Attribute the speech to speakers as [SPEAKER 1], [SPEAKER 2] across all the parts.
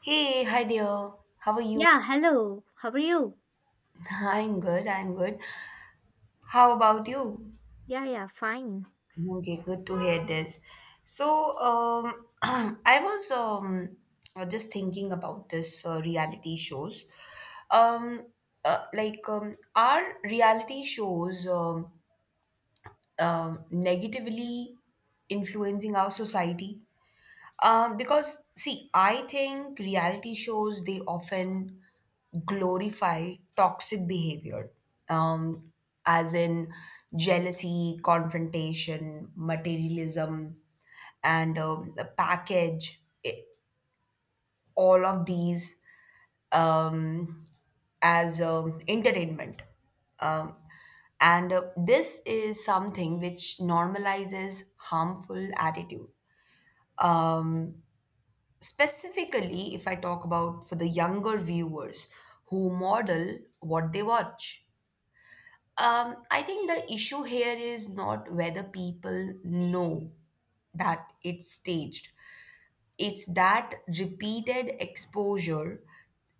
[SPEAKER 1] Hey, hi there. How are you?
[SPEAKER 2] Yeah, hello. How are you?
[SPEAKER 1] I'm good. I'm good. How about you?
[SPEAKER 2] Yeah, yeah, fine.
[SPEAKER 1] Okay, good to hear this. So, I was just thinking about this reality shows. Um, like, are reality shows negatively influencing our society? Because see, I think reality shows they often glorify toxic behavior, um, as in jealousy, confrontation, materialism, and the package. i- all of these um, as entertainment, um, and this is something which normalizes harmful attitude. Um, Specifically, if I talk about for the younger viewers who model what they watch, I think the issue here is not whether people know that it's staged, it's that repeated exposure,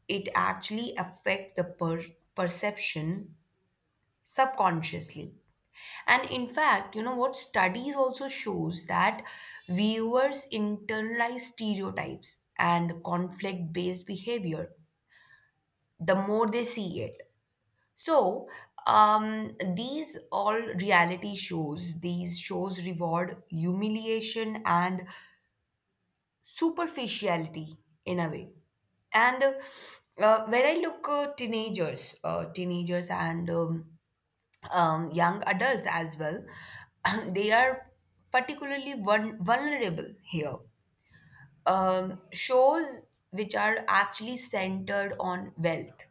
[SPEAKER 1] it actually affects the perception subconsciously. And in fact, you know what studies also shows that viewers internalize stereotypes and conflict based behavior the more they see it. So, these all reality shows, these shows reward humiliation and superficiality in a way. And when I look teenagers, teenagers and young adults as well, they are particularly vulnerable here. Shows which are actually centered on wealth,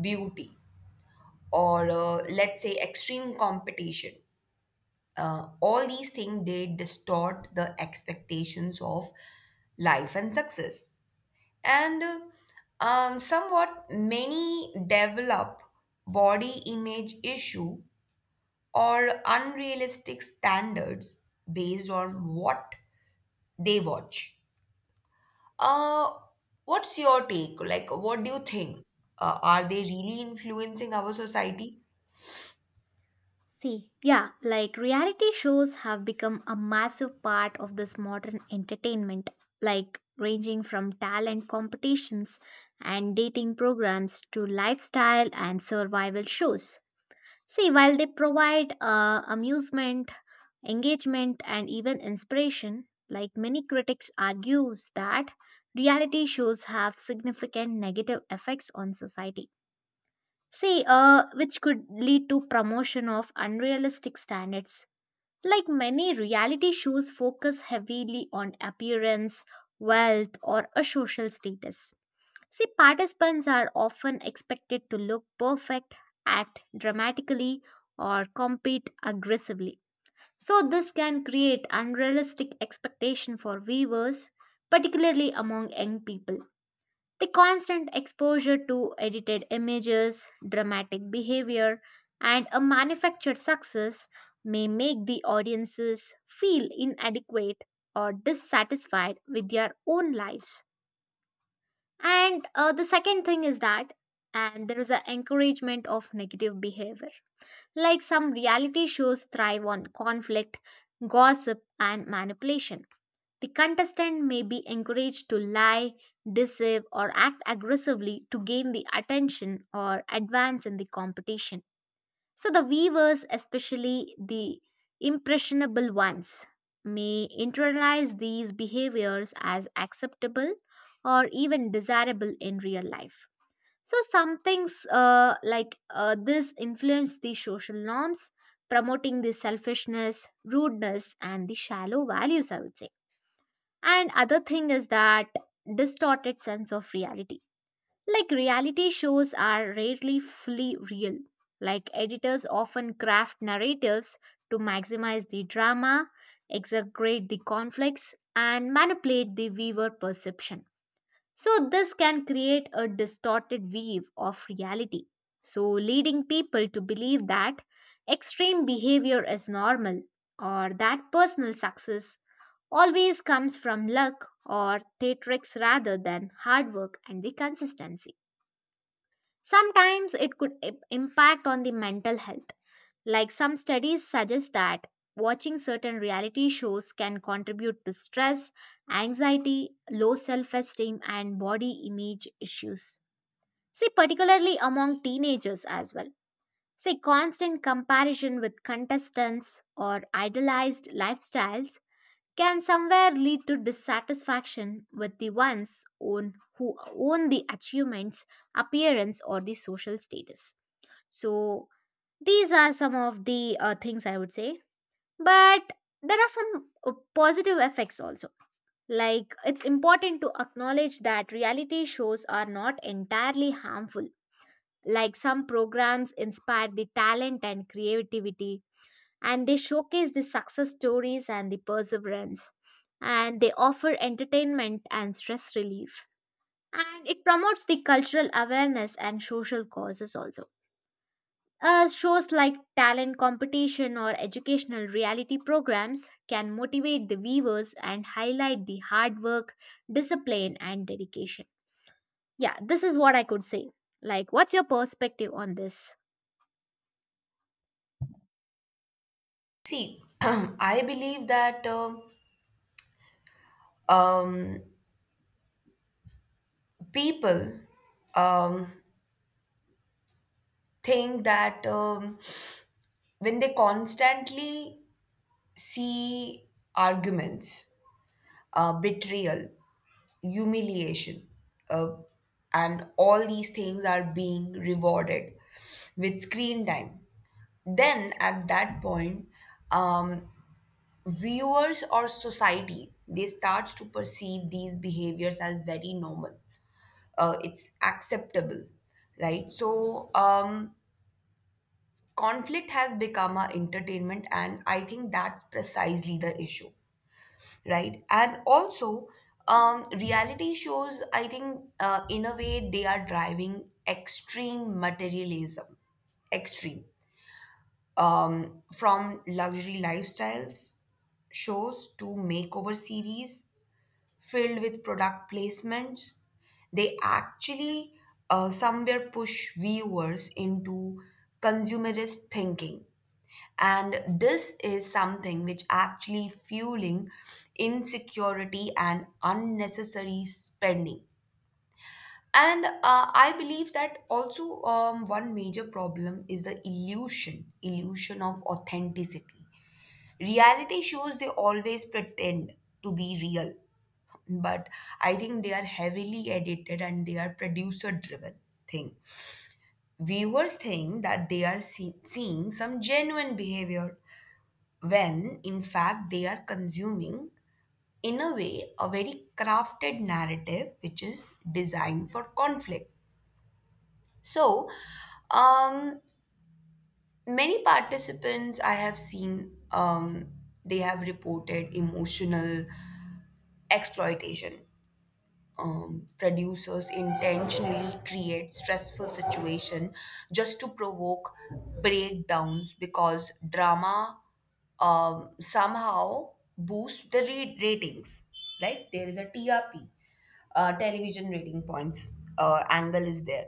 [SPEAKER 1] beauty, or let's say extreme competition. All these things they distort the expectations of life and success, and somewhat many develop body image issue or unrealistic standards based on what they watch. uh, what's your take? Like, what do you think, are they really influencing our society?
[SPEAKER 2] See, yeah, like reality shows have become a massive part of this modern entertainment, like ranging from talent competitions and dating programs to lifestyle and survival shows. See, while they provide amusement, engagement, and even inspiration, like many critics argues that reality shows have significant negative effects on society. See, which could lead to promotion of unrealistic standards. Like many reality shows focus heavily on appearance, wealth, or a social status. See, participants are often expected to look perfect, act dramatically, or compete aggressively. So this can create unrealistic expectation for viewers, particularly among young people. The constant exposure to edited images, dramatic behavior, and a manufactured success may make the audiences feel inadequate or dissatisfied with their own lives. And the second thing is that, and there is an encouragement of negative behavior. Like some reality shows thrive on conflict, gossip, and manipulation, the contestant may be encouraged to lie, deceive, or act aggressively to gain the attention or advance in the competition. So, the viewers, especially the impressionable ones, may internalize these behaviors as acceptable or even desirable in real life. So, some things like this influence the social norms, promoting the selfishness, rudeness, and the shallow values, I would say. And other thing is that distorted sense of reality. Like reality shows are rarely fully real. Like editors often craft narratives to maximize the drama, exaggerate the conflicts, and manipulate the viewer perception. So this can create a distorted view of reality. So leading people to believe that extreme behavior is normal or that personal success always comes from luck or theatrics rather than hard work and the consistency. Sometimes it could impact on the mental health. Like some studies suggest that watching certain reality shows can contribute to stress, anxiety, low self-esteem and body image issues. See, particularly among teenagers as well. Say constant comparison with contestants or idealized lifestyles can somewhere lead to dissatisfaction with the one's own, who own the achievements, appearance, or the social status. So these are some of the things I would say. But there are some positive effects also. Like it's important to acknowledge that reality shows are not entirely harmful. Like some programs inspire the talent and creativity, and they showcase the success stories and the perseverance, and they offer entertainment and stress relief, and it promotes the cultural awareness and social causes also. Shows like talent competition or educational reality programs can motivate the viewers and highlight the hard work, discipline and dedication. Yeah, this is what I could say. Like, what's your perspective on this?
[SPEAKER 1] See, I believe that um, people um, think that when they constantly see arguments, betrayal, humiliation, uh, and all these things are being rewarded with screen time, then at that point, um, viewers or society they starts to perceive these behaviors as very normal. It's acceptable, right? So, conflict has become a entertainment, and I think that's precisely the issue, right? And also, reality shows, I think, in a way, they are driving extreme materialism, extreme, from luxury lifestyles shows to makeover series filled with product placements. They actually, somewhere, push viewers into consumerist thinking. And this is something which actually fueling insecurity and unnecessary spending. And I believe that also, one major problem is the illusion of authenticity. Reality shows they always pretend to be real, but I think they are heavily edited and they are producer driven thing. Viewers think that they are seeing some genuine behavior when in fact they are consuming, in a way, a very crafted narrative which is designed for conflict. So, um, many participants I have seen, they have reported emotional exploitation. Producers intentionally create stressful situation just to provoke breakdowns because drama somehow boosts the ratings. Like there is a TRP, television rating points angle is there.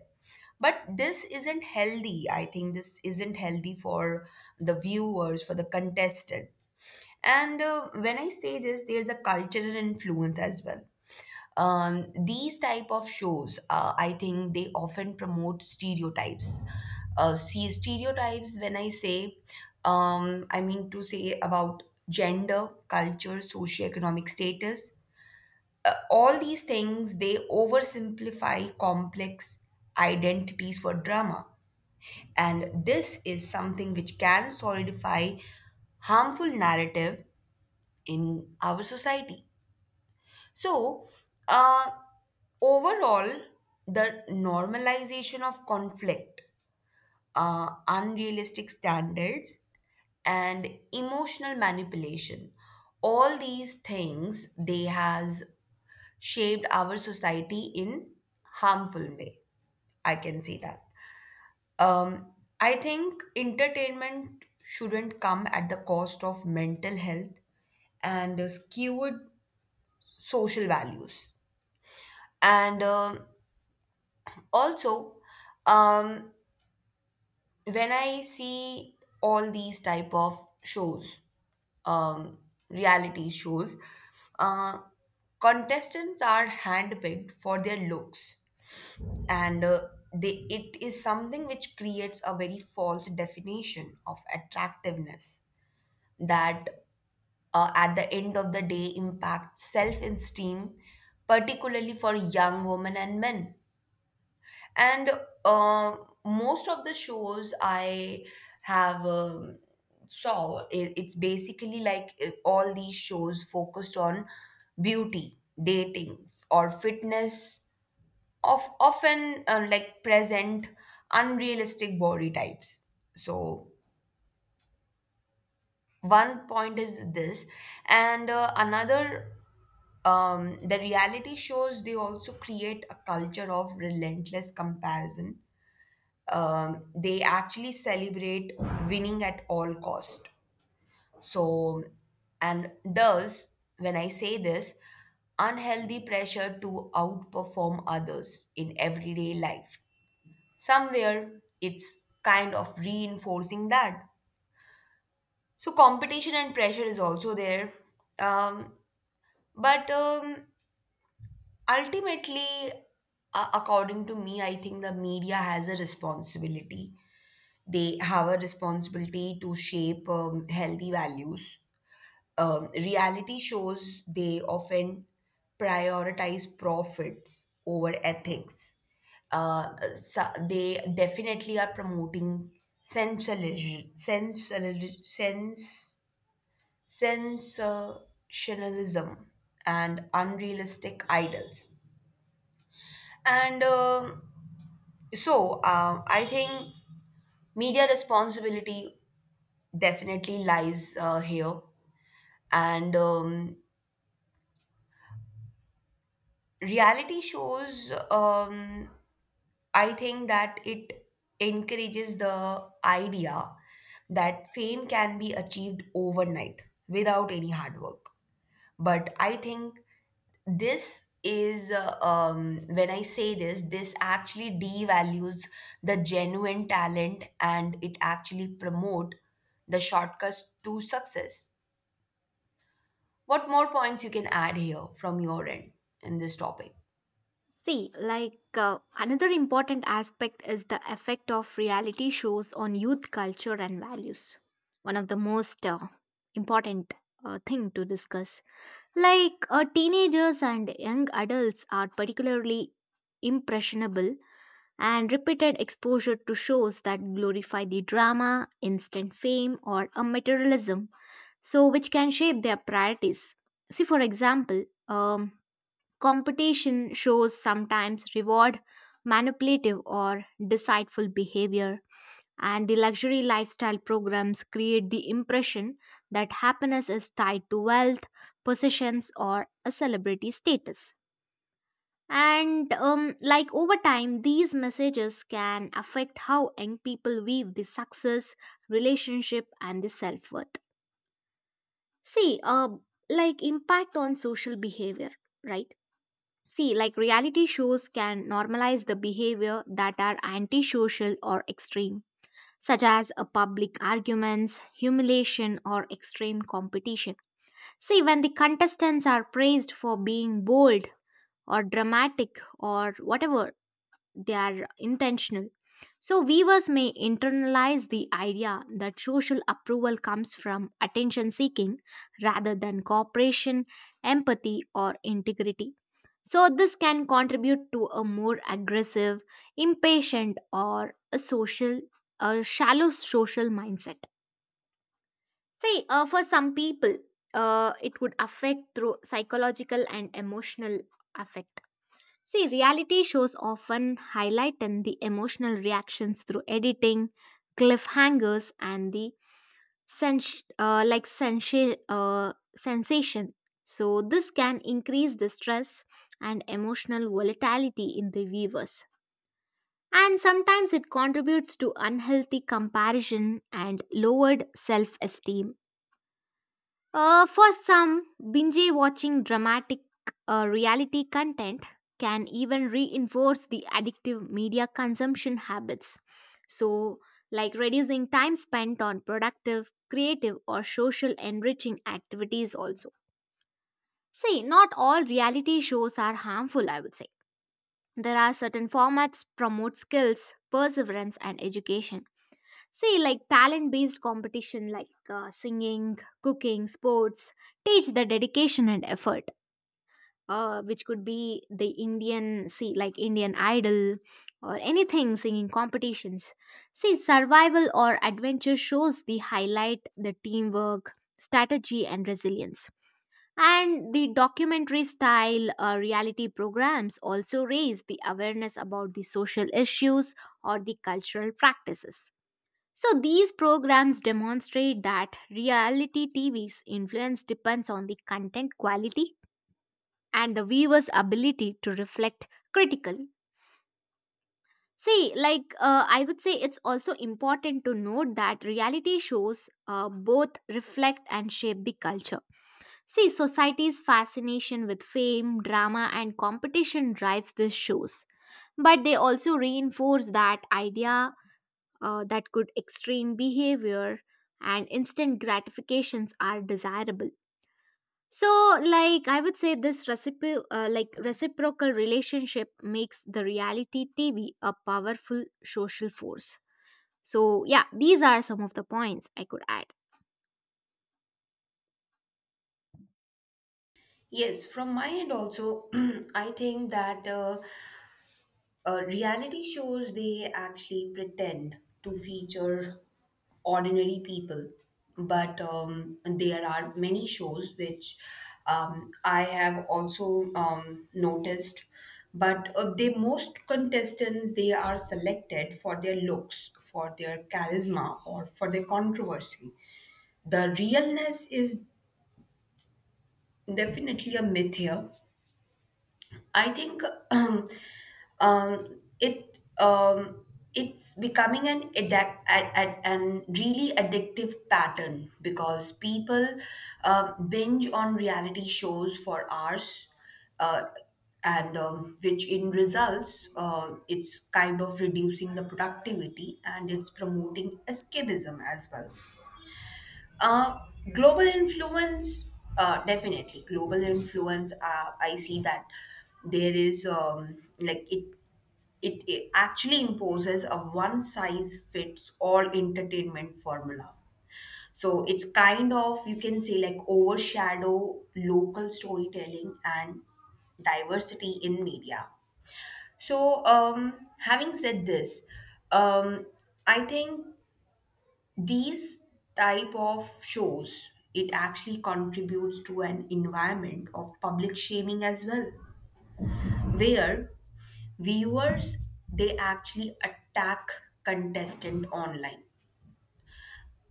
[SPEAKER 1] But this isn't healthy. I think this isn't healthy for the viewers, for the contestant. And when I say this, there's a cultural influence as well. These type of shows, I think they often promote stereotypes. See, stereotypes, when I say, I mean to say about gender, culture, socioeconomic status. All these things they oversimplify complex identities for drama, and this is something which can solidify harmful narrative in our society. So, uh, overall, the normalization of conflict, unrealistic standards, and emotional manipulation, all these things they has shaped our society in harmful way. I can say that. Um, I think entertainment shouldn't come at the cost of mental health and skewed social values. And also, um, when I see all these type of shows, um, reality shows, uh, contestants are handpicked for their looks, and it is something which creates a very false definition of attractiveness that, at the end of the day, impacts self-esteem, particularly for young women and men. And uh, most of the shows I have saw, it's basically like, all these shows focused on beauty, dating, or fitness, of often, like, present unrealistic body types. So one point is this, and another. The reality shows they also create a culture of relentless comparison. They actually celebrate winning at all cost. So and thus when I say this, unhealthy pressure to outperform others in everyday life, somewhere it's kind of reinforcing that. So competition and pressure is also there. um, but ultimately, according to me, I think the media has a responsibility. They have a responsibility to shape healthy values. Reality shows they often prioritize profits over ethics. They definitely are promoting sensationalism, sensationalism, sensationalism, and unrealistic idols. And I think media responsibility definitely lies here. And reality shows, I think that it encourages the idea that fame can be achieved overnight without any hard work. But I think this is, when I say this, this actually devalues the genuine talent and it actually promote the shortcuts to success. What more points you can add here from your end in this topic?
[SPEAKER 2] See, like another important aspect is the effect of reality shows on youth culture and values. One of the most important thing to discuss. Like teenagers and young adults are particularly impressionable, and repeated exposure to shows that glorify the drama, instant fame, or a materialism, so which can shape their priorities. See, for example, competition shows sometimes reward manipulative or deceitful behavior, and the luxury lifestyle programs create the impression that happiness is tied to wealth, possessions, or a celebrity status. And like over time, these messages can affect how young people view the success, relationship, and the self worth. See, like impact on social behavior, right? See, like reality shows can normalize the behavior that are antisocial or extreme, such as a public arguments, humiliation, or extreme competition. See, when the contestants are praised for being bold or dramatic or whatever, they are intentional. So, weavers may internalize the idea that social approval comes from attention seeking rather than cooperation, empathy, or integrity. So, this can contribute to a more aggressive, impatient, or a social, a shallow social mindset. See, for some people, it would affect through psychological and emotional affect. See, reality shows often highlight in the emotional reactions through editing, cliffhangers, and the like sensation. So this can increase the stress and emotional volatility in the viewers. And sometimes it contributes to unhealthy comparison and lowered self esteem. For some, binge watching dramatic reality content can even reinforce the addictive media consumption habits. So, like reducing time spent on productive, creative, or social enriching activities, also. See, not all reality shows are harmful, I would say. There are certain formats promote skills, perseverance, and education. See, like talent based competition like singing, cooking, sports teach the dedication and effort, which could be the Indian, see, like Indian Idol or anything singing competitions. See, survival or adventure shows the highlight, the teamwork, strategy, and resilience. And the documentary style reality programs also raise the awareness about the social issues or the cultural practices, so these programs demonstrate that reality TV's influence depends on the content quality and the viewer's ability to reflect critically. See, like I would say, it's also important to note that reality shows both reflect and shape the culture. See, society's fascination with fame, drama, and competition drives these shows, but they also reinforce that idea, that could extreme behavior and instant gratifications are desirable. So, like, I would say this like reciprocal relationship makes the reality TV a powerful social force. So yeah, these are some of the points I could add.
[SPEAKER 1] Yes, from my end also, I think that reality shows they actually pretend to feature ordinary people, but there are many shows which I have also noticed. But they most contestants they are selected for their looks, for their charisma, or for their controversy. The realness is definitely a myth here. I think um, it it's becoming an an really addictive pattern because people binge on reality shows for hours. Uh, and which in results, it's kind of reducing the productivity, and it's promoting escapism as well. Uh, Global influence, definitely. Global influence, I see that there is, like it actually imposes a one size fits all entertainment formula. So it's kind of, you can say, like, overshadow local storytelling and diversity in media. So, having said this, um, I think these type of shows, it actually contributes to an environment of public shaming as well, where viewers they actually attack contestant online.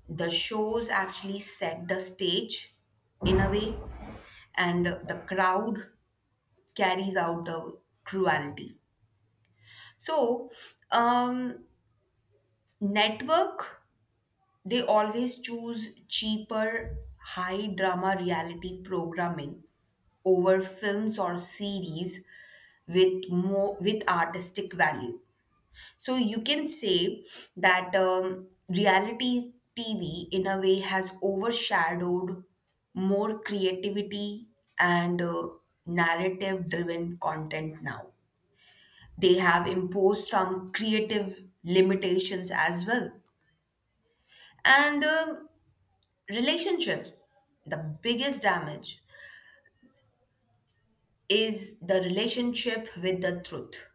[SPEAKER 1] The shows actually set the stage, in a way, and the crowd carries out the cruelty. So, um network, they always choose cheaper, high drama reality programming over films or series with more, with artistic value. So you can say that, reality TV in a way has overshadowed more creativity and narrative driven content now. They have imposed some creative limitations as well. And Relationship. The biggest damage is the relationship with the truth.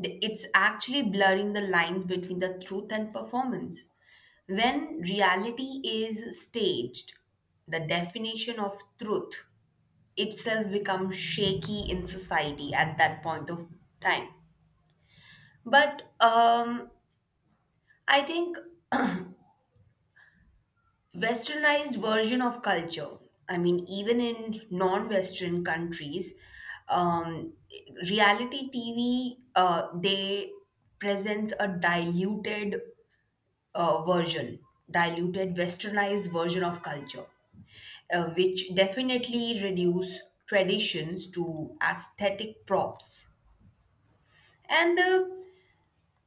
[SPEAKER 1] It's actually blurring the lines between the truth and performance. When reality is staged, the definition of truth itself becomes shaky in society at that point of time. But I think westernized version of culture. I mean, even in non Western countries, um, reality TV, they presents a diluted version, diluted westernized version of culture, which definitely reduce traditions to aesthetic props. And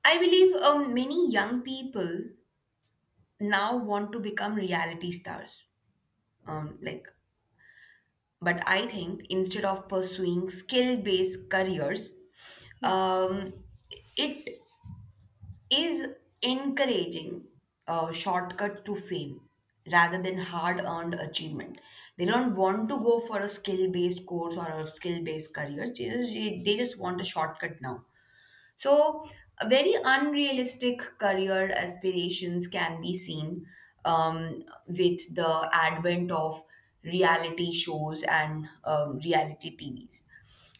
[SPEAKER 1] I believe many young people now want to become reality stars. Um, like But I think instead of pursuing skill based careers,
[SPEAKER 2] Yes.
[SPEAKER 1] um, it is encouraging a shortcut to fame rather than hard earned achievement. They don't want to go for a skill based course or a skill based career, they just want a shortcut now. So, a very unrealistic career aspirations can be seen, with the advent of reality shows and reality TVs.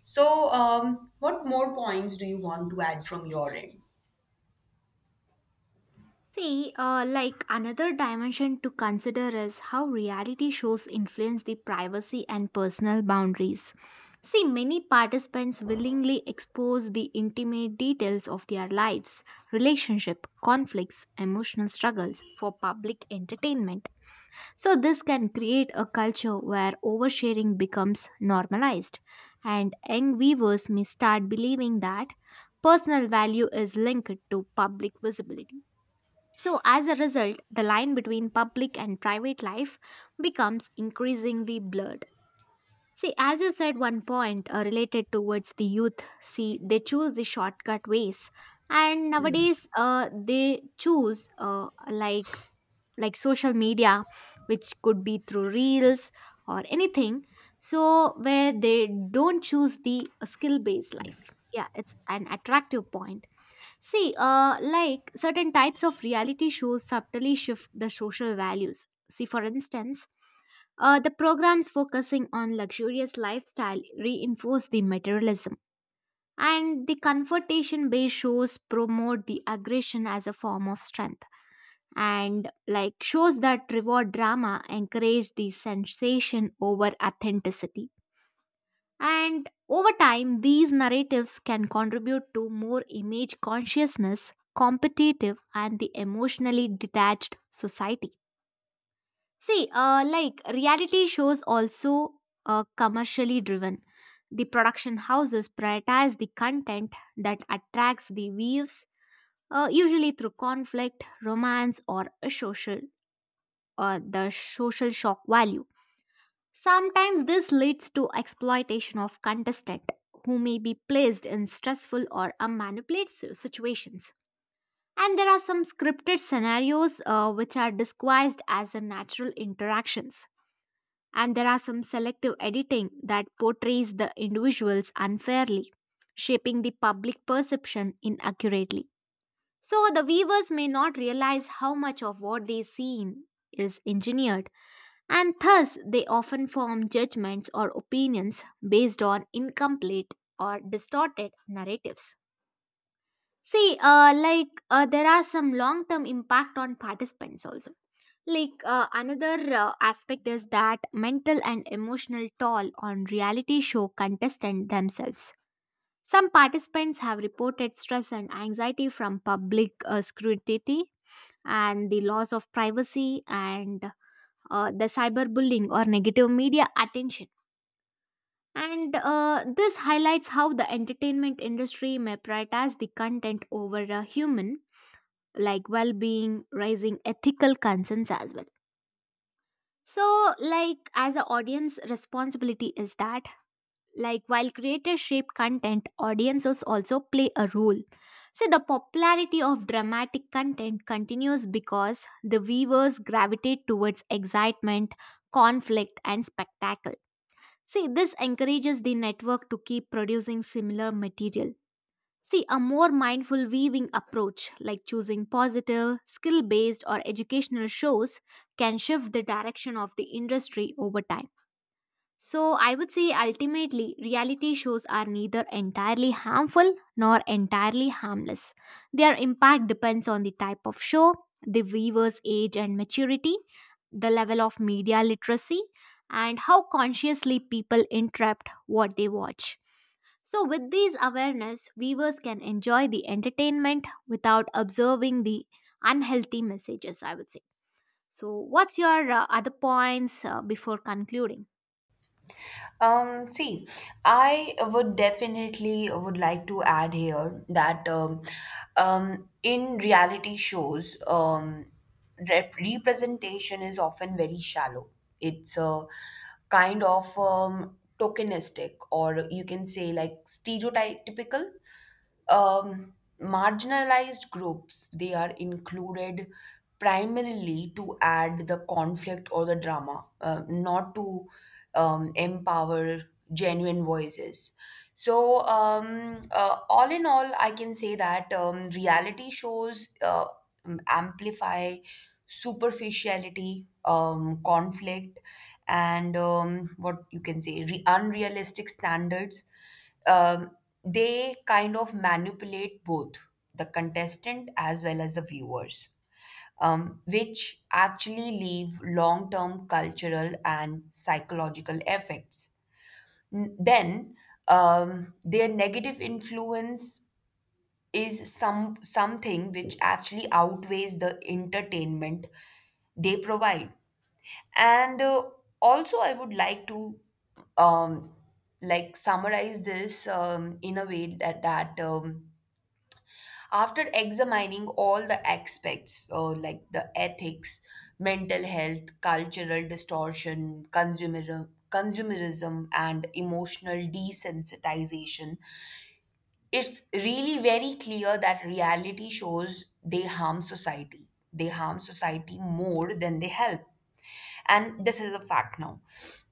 [SPEAKER 1] So, what more points do you want to add from your end?
[SPEAKER 2] See, like another dimension to consider is how reality shows influence the privacy and personal boundaries. See, many participants willingly expose the intimate details of their lives, relationship, conflicts, emotional struggles for public entertainment. So this can create a culture where oversharing becomes normalized, and young viewers may start believing that personal value is linked to public visibility. So, as a result, the line between public and private life becomes increasingly blurred. See, as you said, one point related towards the youth, see, they choose the shortcut ways, and nowadays they choose like social media, which could be through reels or anything. So, where they don't choose the skill based life. Yeah, it's an attractive point. See, like certain types of reality shows subtly shift the social values. See, for instance, the programs focusing on luxurious lifestyle reinforce the materialism, and the confrontation-based shows promote the aggression as a form of strength. And like shows that reward drama encourage the sensation over authenticity. And over time, these narratives can contribute to more image consciousness, competitive, and the emotionally detached society. See, like reality shows also commercially driven. The production houses prioritize the content that attracts the views, usually through conflict, romance, or a social, the social shock value. Sometimes this leads to exploitation of contestant who may be placed in stressful or a manipulative situations. And there are some scripted scenarios which are disguised as a natural interactions. And there are some selective editing that portrays the individuals unfairly, shaping the public perception inaccurately. So the viewers may not realize how much of what they see is engineered, and thus they often form judgments or opinions based on incomplete or distorted narratives. See, like there are some long-term impact on participants also. Like another aspect is that mental and emotional toll on reality show contestants themselves. Some participants have reported stress and anxiety from public scrutiny, and the loss of privacy, and the cyberbullying or negative media attention. And this highlights how the entertainment industry may prioritize the content over a human, like well being, raising ethical concerns as well. So, like, as an audience, responsibility is that, like, while creators shape content, audiences also play a role. So, the popularity of dramatic content continues because the viewers gravitate towards excitement, conflict, and spectacle. See, this encourages the network to keep producing similar material. See, a more mindful weaving approach, like choosing positive, skill based, or educational shows, can shift the direction of the industry over time. So, I would say ultimately, reality shows are neither entirely harmful nor entirely harmless. Their impact depends on the type of show, the viewer's age and maturity, the level of media literacy, and how consciously people interpret what they watch. So, with these awareness, viewers can enjoy the entertainment without observing the unhealthy messages, I would say. So, what's your other points before concluding?
[SPEAKER 1] See, I would definitely would like to add here that in reality shows, representation is often very shallow. It's a kind of tokenistic, or you can say, like, stereotypical. Um, Marginalized groups they are included primarily to add the conflict or the drama, not to empower genuine voices. So, all in all, I can say that reality shows amplify superficiality, conflict, and what you can say, unrealistic standards. Um, they kind of manipulate both the contestant as well as the viewers, which actually leave long term cultural and psychological effects. Then, their negative influence is something which actually outweighs the entertainment they provide. And also, I would like to um, like summarize this, in a way that after examining all the aspects, like the ethics, mental health, cultural distortion, consumerism, and emotional desensitization, it's really very clear that reality shows they harm society. They harm society more than they help. And this is a fact now.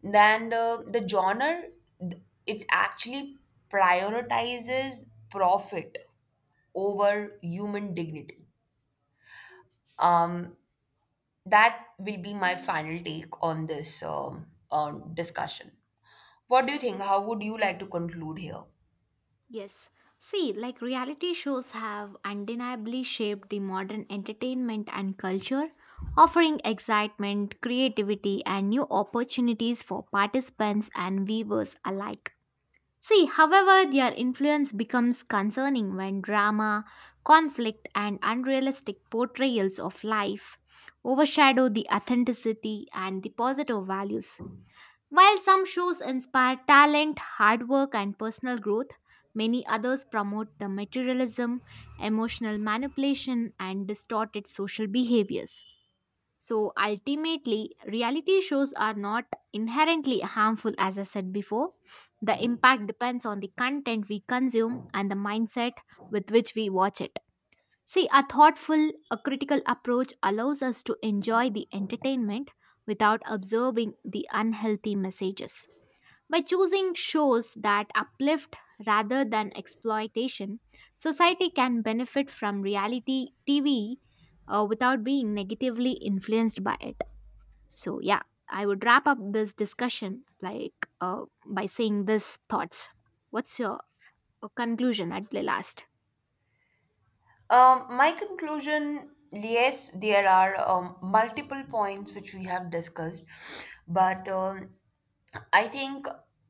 [SPEAKER 1] Then the genre, it actually prioritizes profit over human dignity. Um, that will be my final take on this discussion. What do you think? How would you like to conclude here?
[SPEAKER 2] Yes. See, like reality shows have undeniably shaped the modern entertainment and culture, offering excitement, creativity, and new opportunities for participants and viewers alike. See, however, their influence becomes concerning when drama, conflict, and unrealistic portrayals of life overshadow the authenticity and the positive values. While some shows inspire talent, hard work, and personal growth, many others promote the materialism, emotional manipulation, and distorted social behaviors. So ultimately, reality shows are not inherently harmful, as I said before. The impact depends on the content we consume and the mindset with which we watch it. See, a thoughtful, a critical approach allows us to enjoy the entertainment without observing the unhealthy messages. By choosing shows that uplift rather than exploitation, society can benefit from reality TV without being negatively influenced by it. So, yeah, I would wrap up this discussion like by saying these thoughts. What's your conclusion at the last?
[SPEAKER 1] My conclusion, yes, there are multiple points which we have discussed, but I think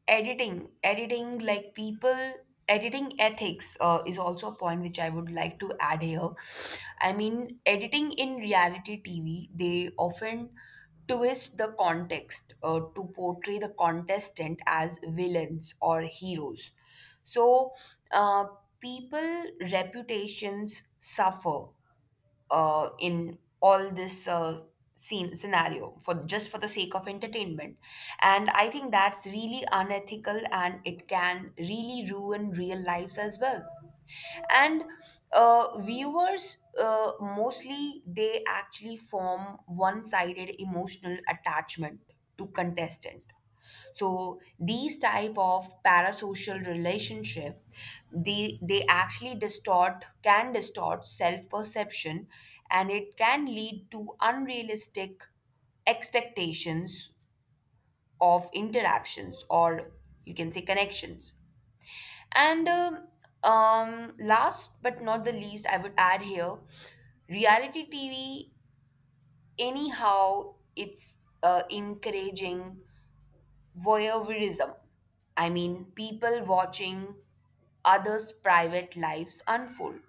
[SPEAKER 1] editing, editing like people, editing ethics is also a point which I would like to add here. I mean, editing in reality TV, they often twist the context, to portray the contestant as villains or heroes. So, uh, people reputations suffer, in all this scene scenario for just for the sake of entertainment, and I think that's really unethical and it can really ruin real lives as well. And viewers, mostly they actually form one-sided emotional attachment to contestant. So these type of parasocial relationship, they actually distort can distort self-perception, and it can lead to unrealistic expectations of interactions, or you can say, connections. And last but not the least, I would add here, reality TV, anyhow, it's encouraging voyeurism. I mean, people watching others' private lives unfold.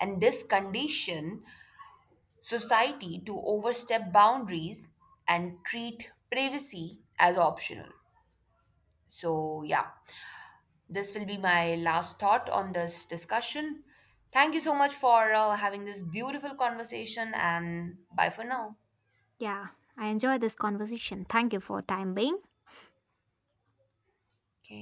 [SPEAKER 1] And this condition society to overstep boundaries and treat privacy as optional. So, yeah, this will be my last thought on this discussion. Thank you
[SPEAKER 2] Yeah,
[SPEAKER 1] so much for having this beautiful conversation, and bye for
[SPEAKER 2] yeah,
[SPEAKER 1] now.
[SPEAKER 2] yeah. I enjoy this conversation. Thank you for time being.
[SPEAKER 1] Okay.